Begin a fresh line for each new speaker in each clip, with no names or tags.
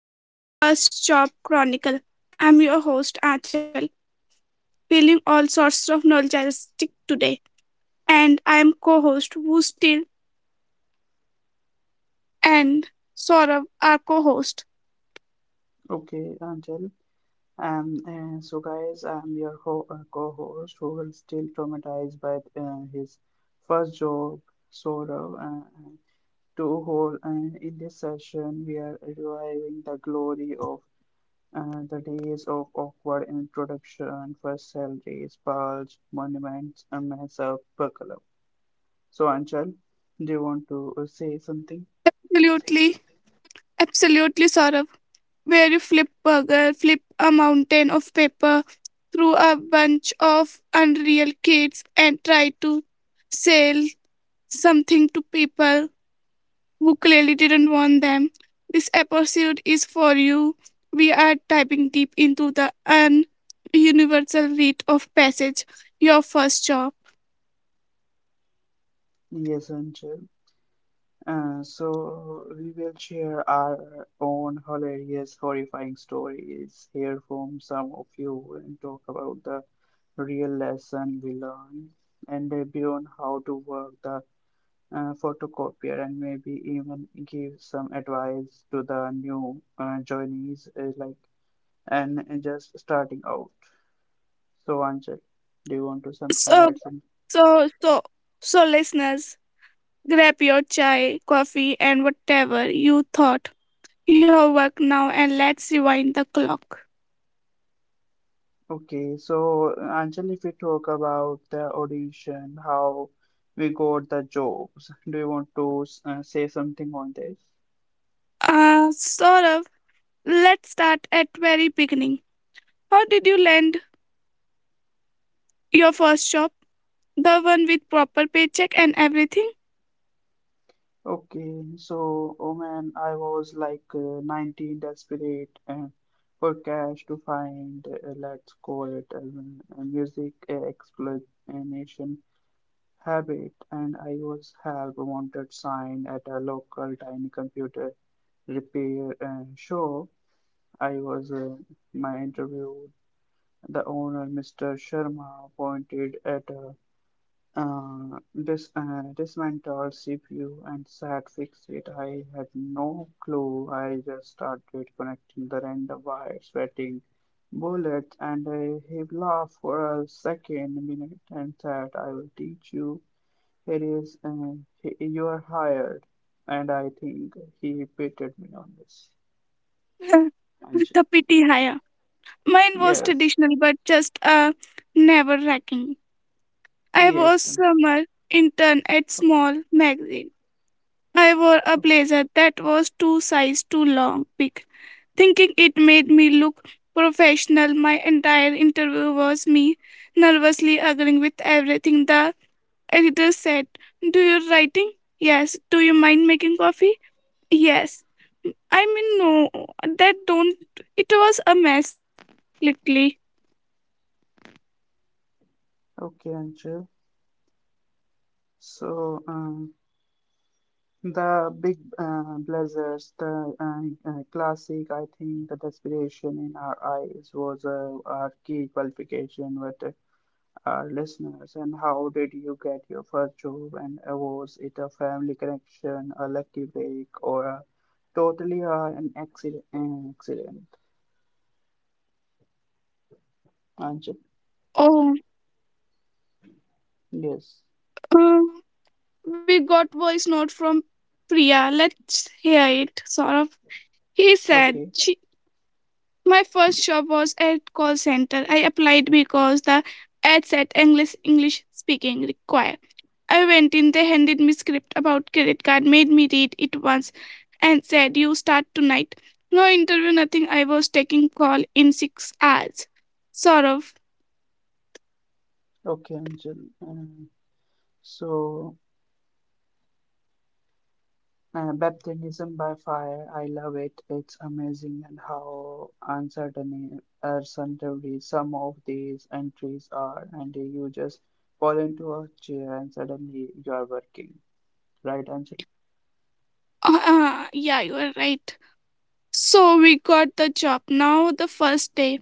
and welcome to First Job Chronicle. I'm your host Achal, feeling all sorts of nostalgic today, and I am co-host Vustil and Saurav, our co-host.
Okay, Anchal. So guys, I'm your ho co-host who will still traumatized by his first job, sorrow. To whole, in this session, we are reviving the glory of the days of awkward introduction, first salaries, pulse, monuments, and mess up, buckle up. So Anchal, do you want to say something?
Absolutely, absolutely, Saurav. Where you flip burger, flip a mountain of paper through a bunch of unreal kids, and try to sell something to people who clearly didn't want them. This episode is for you. We are diving deep into the universal rite of passage, your first job.
Yes, Anchal. So we will share our own hilarious, horrifying stories, hear from some of you, and talk about the real lesson we learned, and debut on how to work the photocopier, and maybe even give some advice to the new joinees, like and just starting out. So, Anchal, do you want to some
So,
add some?
so, so, so, listeners, grab your chai, coffee, and whatever you thought your work now, and let's rewind the clock.
Okay, so Anjali, if we talk about the audition, how we got the jobs, do you want to say something on this?
Sort of. Let's start at very beginning. How did you land your first job? The one with proper paycheck and everything?
Okay, so oh man, I was like 19, desperate for cash to find, let's call it a music exploitation habit, and I was help wanted sign at a local tiny computer repair shop. I was my interview. The owner, Mr. Sharma, pointed at a uh, dis- dismantled CPU and said, "Fix it." I had no clue. I just started connecting the random wires, sweating bullets, and he laughed for a second minute and said, "I will teach you. Here is, you are hired." And I think he pitted me on this.
With
Anj-
the pity higher. Mine was
Yes,
traditional but just a never racking. I was
yes, Anj-
summer intern at
okay.
small magazine. I wore a blazer that was two size too long, big, thinking it made me look professional. My entire interview was me nervously agreeing with everything the editor said. Do you writing? Yes. Do you mind making coffee? Yes. I mean, no, that don't. It was a mess, literally.
Okay, Anshul. So um, the big blazers, the classic, I think the desperation in our eyes was our key qualification with our listeners. And how did you get your first job? And was it a family connection, a lucky break, or a, totally an accident? An accident, Anjali.
Oh,
Yes.
um, we got voice note from Priya. Let's hear it, sort of. He said,
Okay.
she, my first job was at call center. I applied because the ad said English speaking required. I went in, they handed me script about credit card, made me read it once, and said, You start tonight. No interview, nothing. I was taking call in 6 hours. Sort of.
Okay, Anjali. So. Baptism by fire, I love it. It's amazing and how uncertainly some of these entries are, and you just fall into a chair and suddenly you are working, right, Anjali?
Yeah, you are right. So we got the job. Now the first day,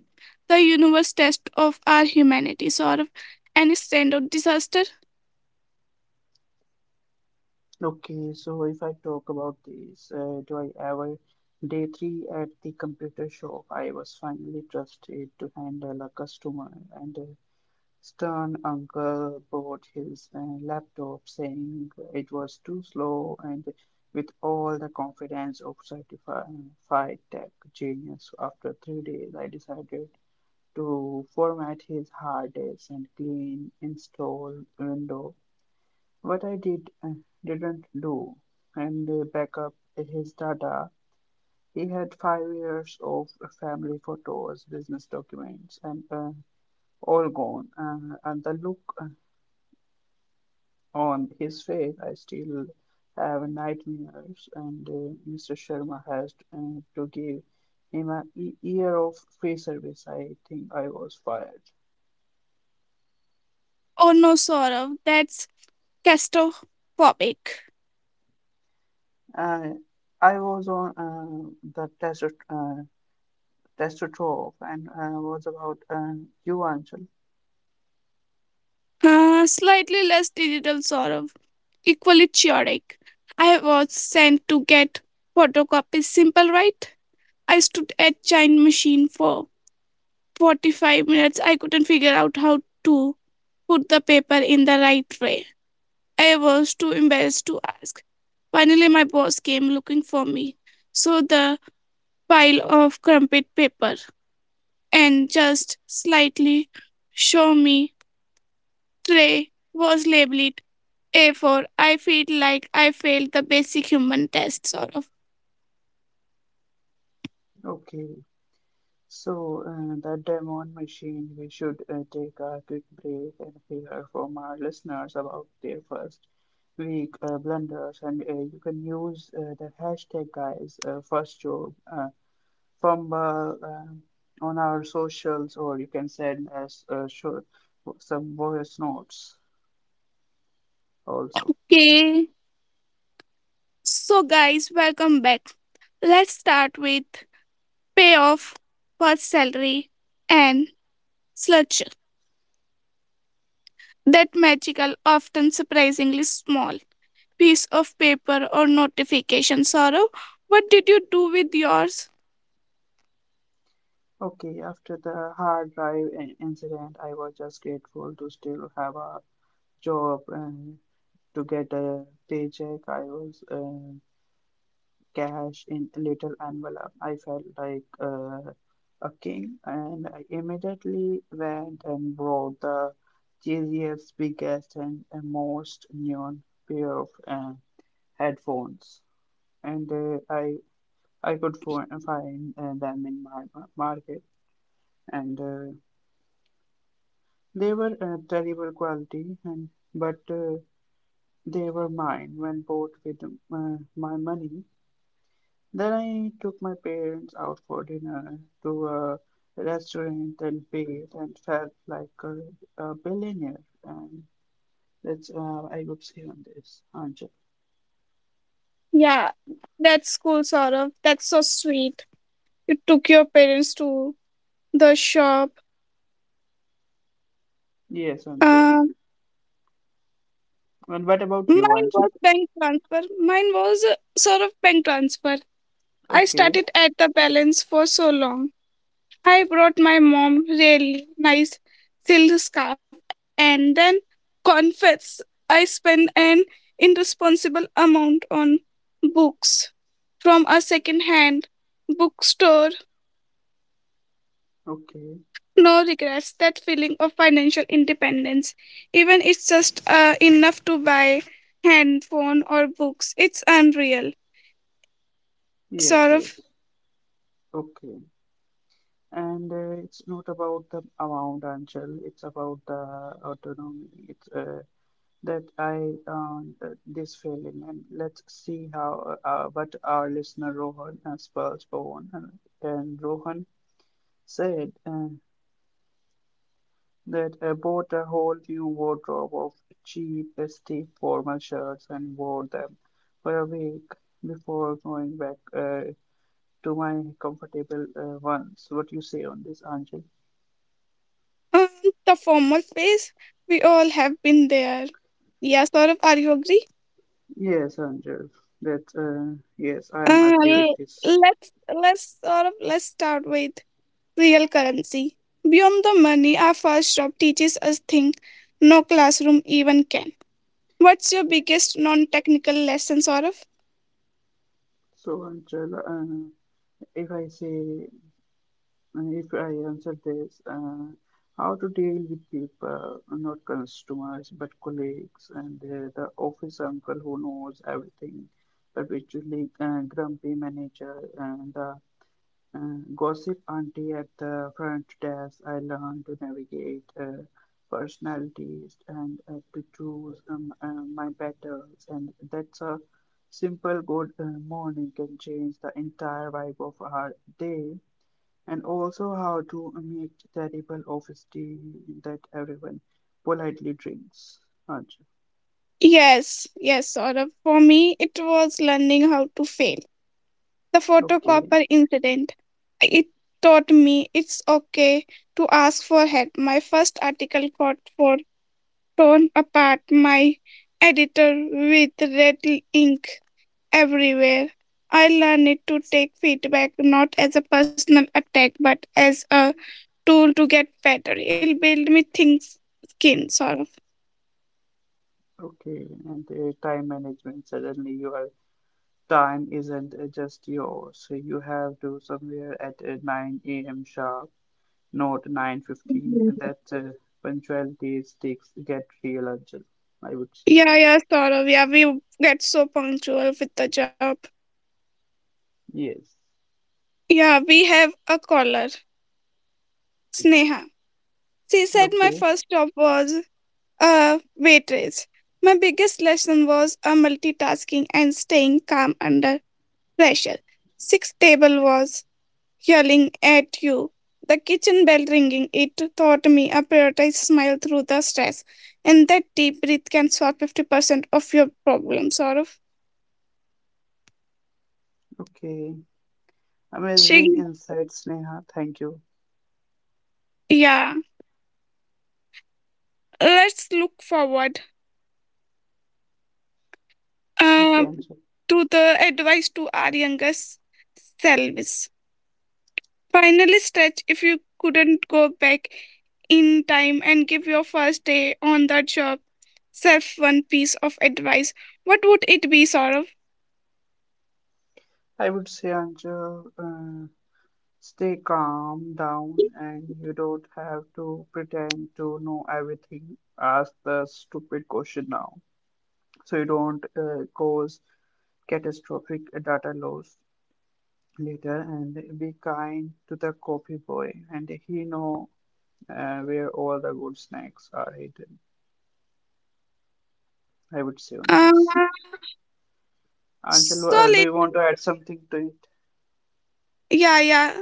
the universe test of our humanity, sort of. Any stand of disaster?
Okay, so if I talk about this, do I ever day three at the computer shop? I was finally trusted to handle a customer, and Stern uncle bought his laptop saying it was too slow and with all the confidence of certified tech genius, after 3 days, I decided to format his hard disk and clean install Windows. What I didn't do and back up his data. He had 5 years of family photos, business documents, and all gone. And the look on his faith, I still have nightmares, and Mr. Sharma has to give him a year of free service. I think I was fired.
Oh no, sort of. That's claustrophobic.
Uh, I was on the test uh, test of and was about you, Anshul.
Slightly less digital sort of equally chaotic. I was sent to get photocopies simple, right? I stood at giant machine for 45 minutes. I couldn't figure out how to put the paper in the right way. I was too embarrassed to ask. Finally, my boss came looking for me, saw the pile of crumpled paper, and just slightly show me tray was labeled A for I feel like I failed the basic human test, sort of.
Okay. So, the Demon Machine, we should take a quick break and hear from our listeners about their first week blunders. And you can use the hashtag guys first job from on our socials, or you can send us some voice notes also.
Okay, so guys, welcome back. Let's start with payoff, first salary, and sludge. That magical, often surprisingly small piece of paper or notification, Sorrow. What did you do with yours?
Okay, after the incident, I was just grateful to still have a job. To get a paycheck. I was cash in a little envelope. I felt like a king, and I immediately went and bought the cheesiest, biggest, and most neon pair of headphones. And I could find them in my market, and they were terrible quality, and but they were mine when bought with my money. Then I took my parents out for dinner to a restaurant and paid and felt like a billionaire. And that's I would say on this, Anchal.
Yeah, that's cool, Sorrow. That's so sweet. You took your parents to the shop.
Yes, Anchal.
Uh,
And what about you,
Mine was
Anchal?
bank transfer. Mine was a sort of bank transfer. I
Okay,
started at the balance for so long. I brought my mom really nice silk scarf and then confess I spent an irresponsible amount on books from a second hand bookstore.
okay.
No regrets. That feeling of financial independence. Even it's just enough to buy handphone or books. It's unreal.
Yes,
Sort of.
yes. Okay. And it's not about the amount, Anchal. It's about the autonomy. It's this feeling, and let's see how what our listener Rohan spells uh, and Rohan said that I bought a whole new wardrobe of cheap, steep formal shirts and wore them for a week before going back to my comfortable ones. What you say on this, Angel?
Um, the formal phase, we all have been there. Yeah, sort of. Are you agree?
Yes, Angel. That yes, I am
Uh,
agree with
l-
this.
let's start with real currency. Beyond the money, our first job teaches us things no classroom even can. What's your biggest non-technical lesson, sort of?
So, Angel, if I say if I answer this, how to deal with people, not customers, but colleagues and the office uncle who knows everything, perpetually grumpy manager and the gossip auntie at the front desk. I learned to navigate personalities and to choose my battles, and that's a simple good morning can change the entire vibe of our day and also how to make terrible table of tea that everyone politely drinks. Achha,
Yes, yes, sort of. For me, it was learning how to fail. The
okay,
photocopper incident. It taught me it's okay to ask for help. My first article got for torn apart my editor with red ink everywhere. I learned it to take feedback not as a personal attack but as a tool to get better. It'll build me things skin sort of.
okay, and time management. Suddenly, your time isn't just yours. So you have to somewhere at 9 a.m. sharp, not 9:15. And that punctuality sticks get real urgent, I would say.
Yeah, yeah, sort of. Yeah, we get so punctual with the job.
Yes.
Yeah, we have a caller, Sneha. She said my
Okay,
first job was a waitress. My biggest lesson was a multitasking and staying calm under pressure. Sixth table was yelling at you. The kitchen bell ringing, it taught me a prioritized smile through the stress. And that deep breath can solve 50% of your problem, sort.
okay.
She,
Amazing insights, Neha. Thank you.
yeah. Let's look forward
Okay.
uh,
And
to the advice to our youngest selves. Finally stretch if you couldn't go back in time and give your first day on the job self one piece of advice, what would it be, Saurav?
I would say, Anju, stay calm down and you don't have to pretend to know everything. Ask the stupid question now so you don't cause catastrophic data loss later and be kind to the coffee boy and he know where all the good snacks are hidden. I would say on
Uh,
this. Anjal, do
Solid.
you want to add something to it?
Yeah, yeah.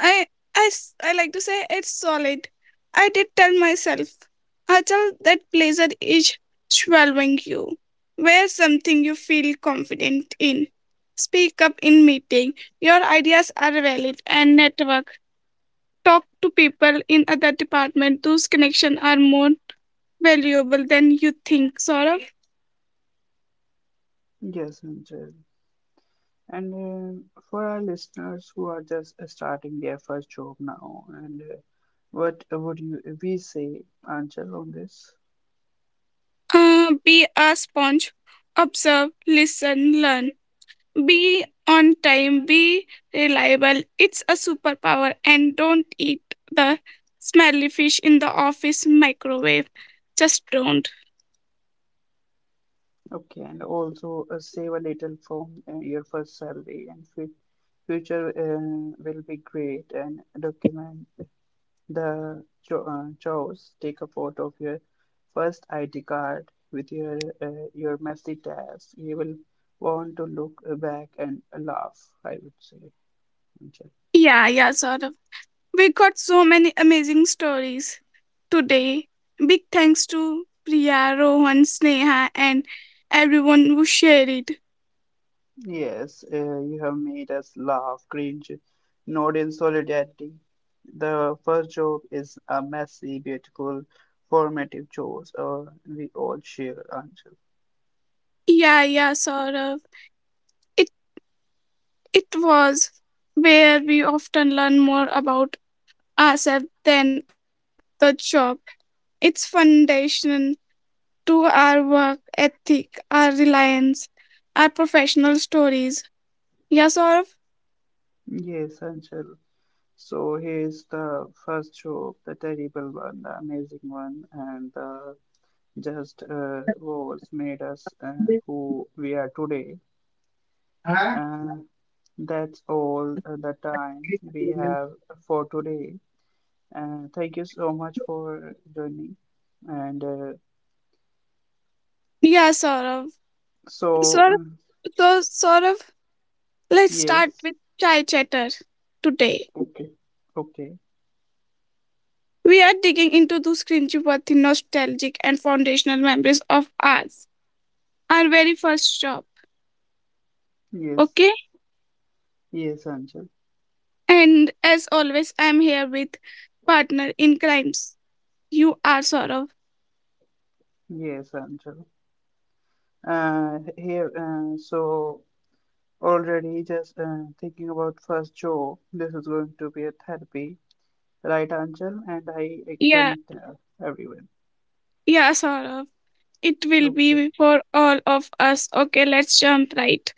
I, I like to say it's solid. I did tell myself, Achal, that blazer is swallowing you. Wear something you feel confident in. Speak up in meeting. Your ideas are valid and network talk to people in other department those connections are more valuable than you think sort of.
Yes, Anjal. And for our listeners who are just starting their first job now, and what would you we say, Anchal, on this?
Be a sponge observe listen learn be on time be reliable it's a superpower and don't eat the smelly fish in the office microwave just don't
Okay, and also save a little from your first salary, and fu future will be great. And document the chores. Take a photo of your first ID card with your messy tasks. You will want to look back and laugh. I would say, Anchal.
yeah yeah sort we got so many amazing stories today, big thanks to Priya, Rohan, Sneha, and everyone who shared it.
Yes, you have made us laugh, cringe, nod in solidarity. The first joke is a messy, beautiful, formative chores we all share, Anshul.
Yeah, yeah, Saurav. It, it was where we often learn more about ourselves than about the job. It's foundation to our work ethic, our reliance, our professional stories. Yeah, Saurav?
Yes, Anshul. So here's the first joke, the terrible one, the amazing one, and the just wars made us who we are today. And that's all the time we have for today. Thank you so much for joining. And
Yeah, Saurav.
so,
Saurav,
uh,
so Saurav, let's start
yes,
with chai chatter today.
okay,
We are digging into those cringeworthy, nostalgic, and foundational memories of ours. Our very first job,
yes,
okay?
yes, Angel,
And as always, I'm here with partner in crimes. You are Saurav.
yes, Angel. Here, so Already just thinking about first Joe, this is going to be a therapy, right, Angel? And I
Yeah,
can tell everyone.
yeah, Saurav. It will
Okay,
be for all of us. Okay, let's jump right.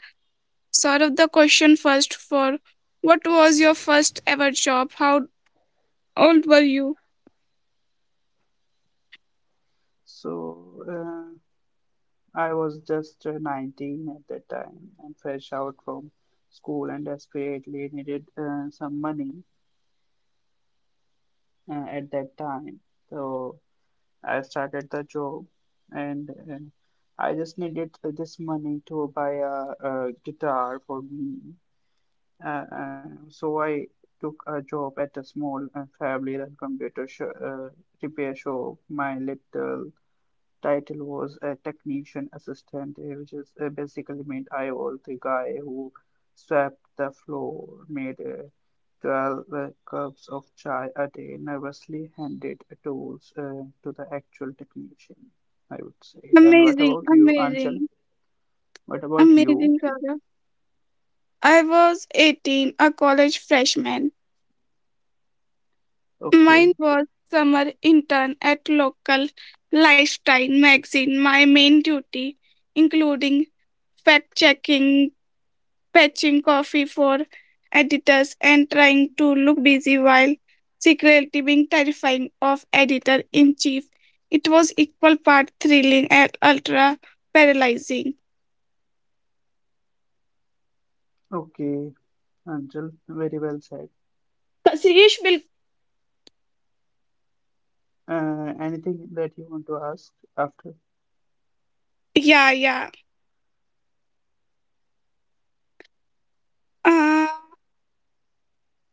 Saurav, the question first for what was your first ever job? How old were you?
so I was just 19 at that time and fresh out from school and desperately needed some money at that time. So I started the job and I just needed this money to buy a guitar for me. So I took a job at a small family run computer sh repair shop, my little title was a technician assistant, which is basically meant I was the guy who swept the floor, made 12 cups of chai a day, nervously handed tools to the actual technician, I would say. And what
Amazing,
about you, Anchal?
amazing,
What about you?
amazing, Saurav. I was 18, a college freshman.
Okay,
Mine was summer intern at local lifestyle magazine. My main duty including fact checking, fetching coffee for editors and trying to look busy while secretly being terrifying of editor in chief. It was equal part thrilling and ultra paralyzing.
okay, Anchal, very well said.
But Suresh will
Anything that you want to ask after?
yeah, yeah. Uh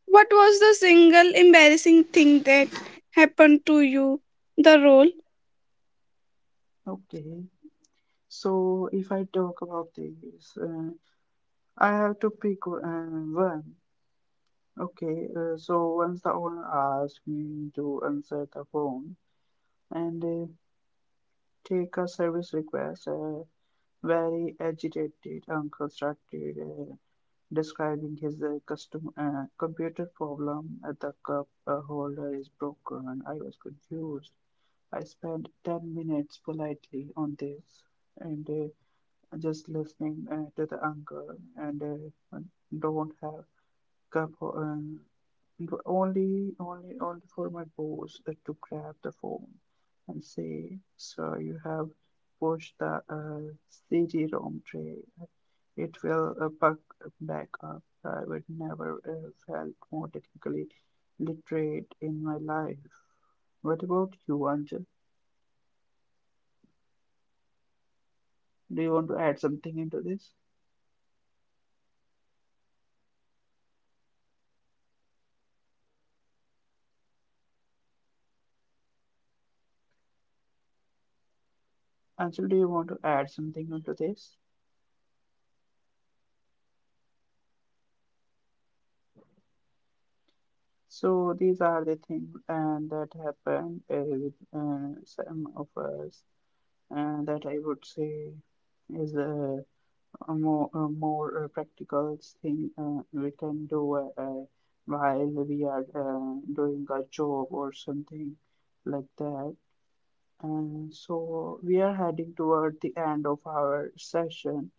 What was the single embarrassing thing that happened to you? The role?
Okay, so if I talk about this, I have to pick one. Okay, so once the owner asked me to answer the phone and take a service request, a very agitated uncle started describing his custom computer problem. The cup holder is broken. I was confused. I spent 10 minutes politely on this and just listening to the uncle and uh, don't have cup uh, But only for my boss to grab the phone and say, "Sir, you have pushed the CD-ROM tray. It will back up." I would never felt more technically literate in my life. What about you, Anjal? Do you want to add something into this? Anjal, do you want to add something into this? So these are the things and that happened with some of us that I would say is a more practical thing we can do while we are doing a job or something like that. And so we are heading toward the end of our session.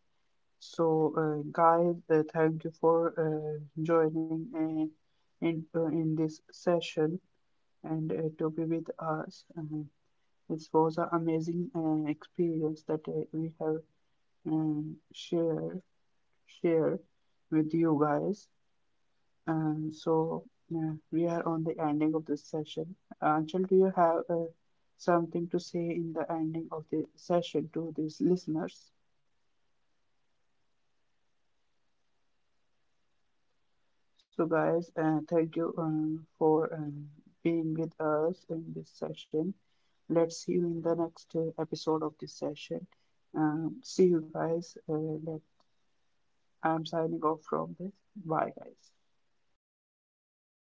So, guys, thank you for joining in this session and to be with us. It was an amazing experience that we have and share with you guys. And so yeah, we are on the ending of this session. Anshul, do you have something to say in the ending of the session to these listeners? So guys, thank you for being with us in this session. Let's see you in the next episode of this session. See you guys. Let, I'm signing off from this. Bye, guys.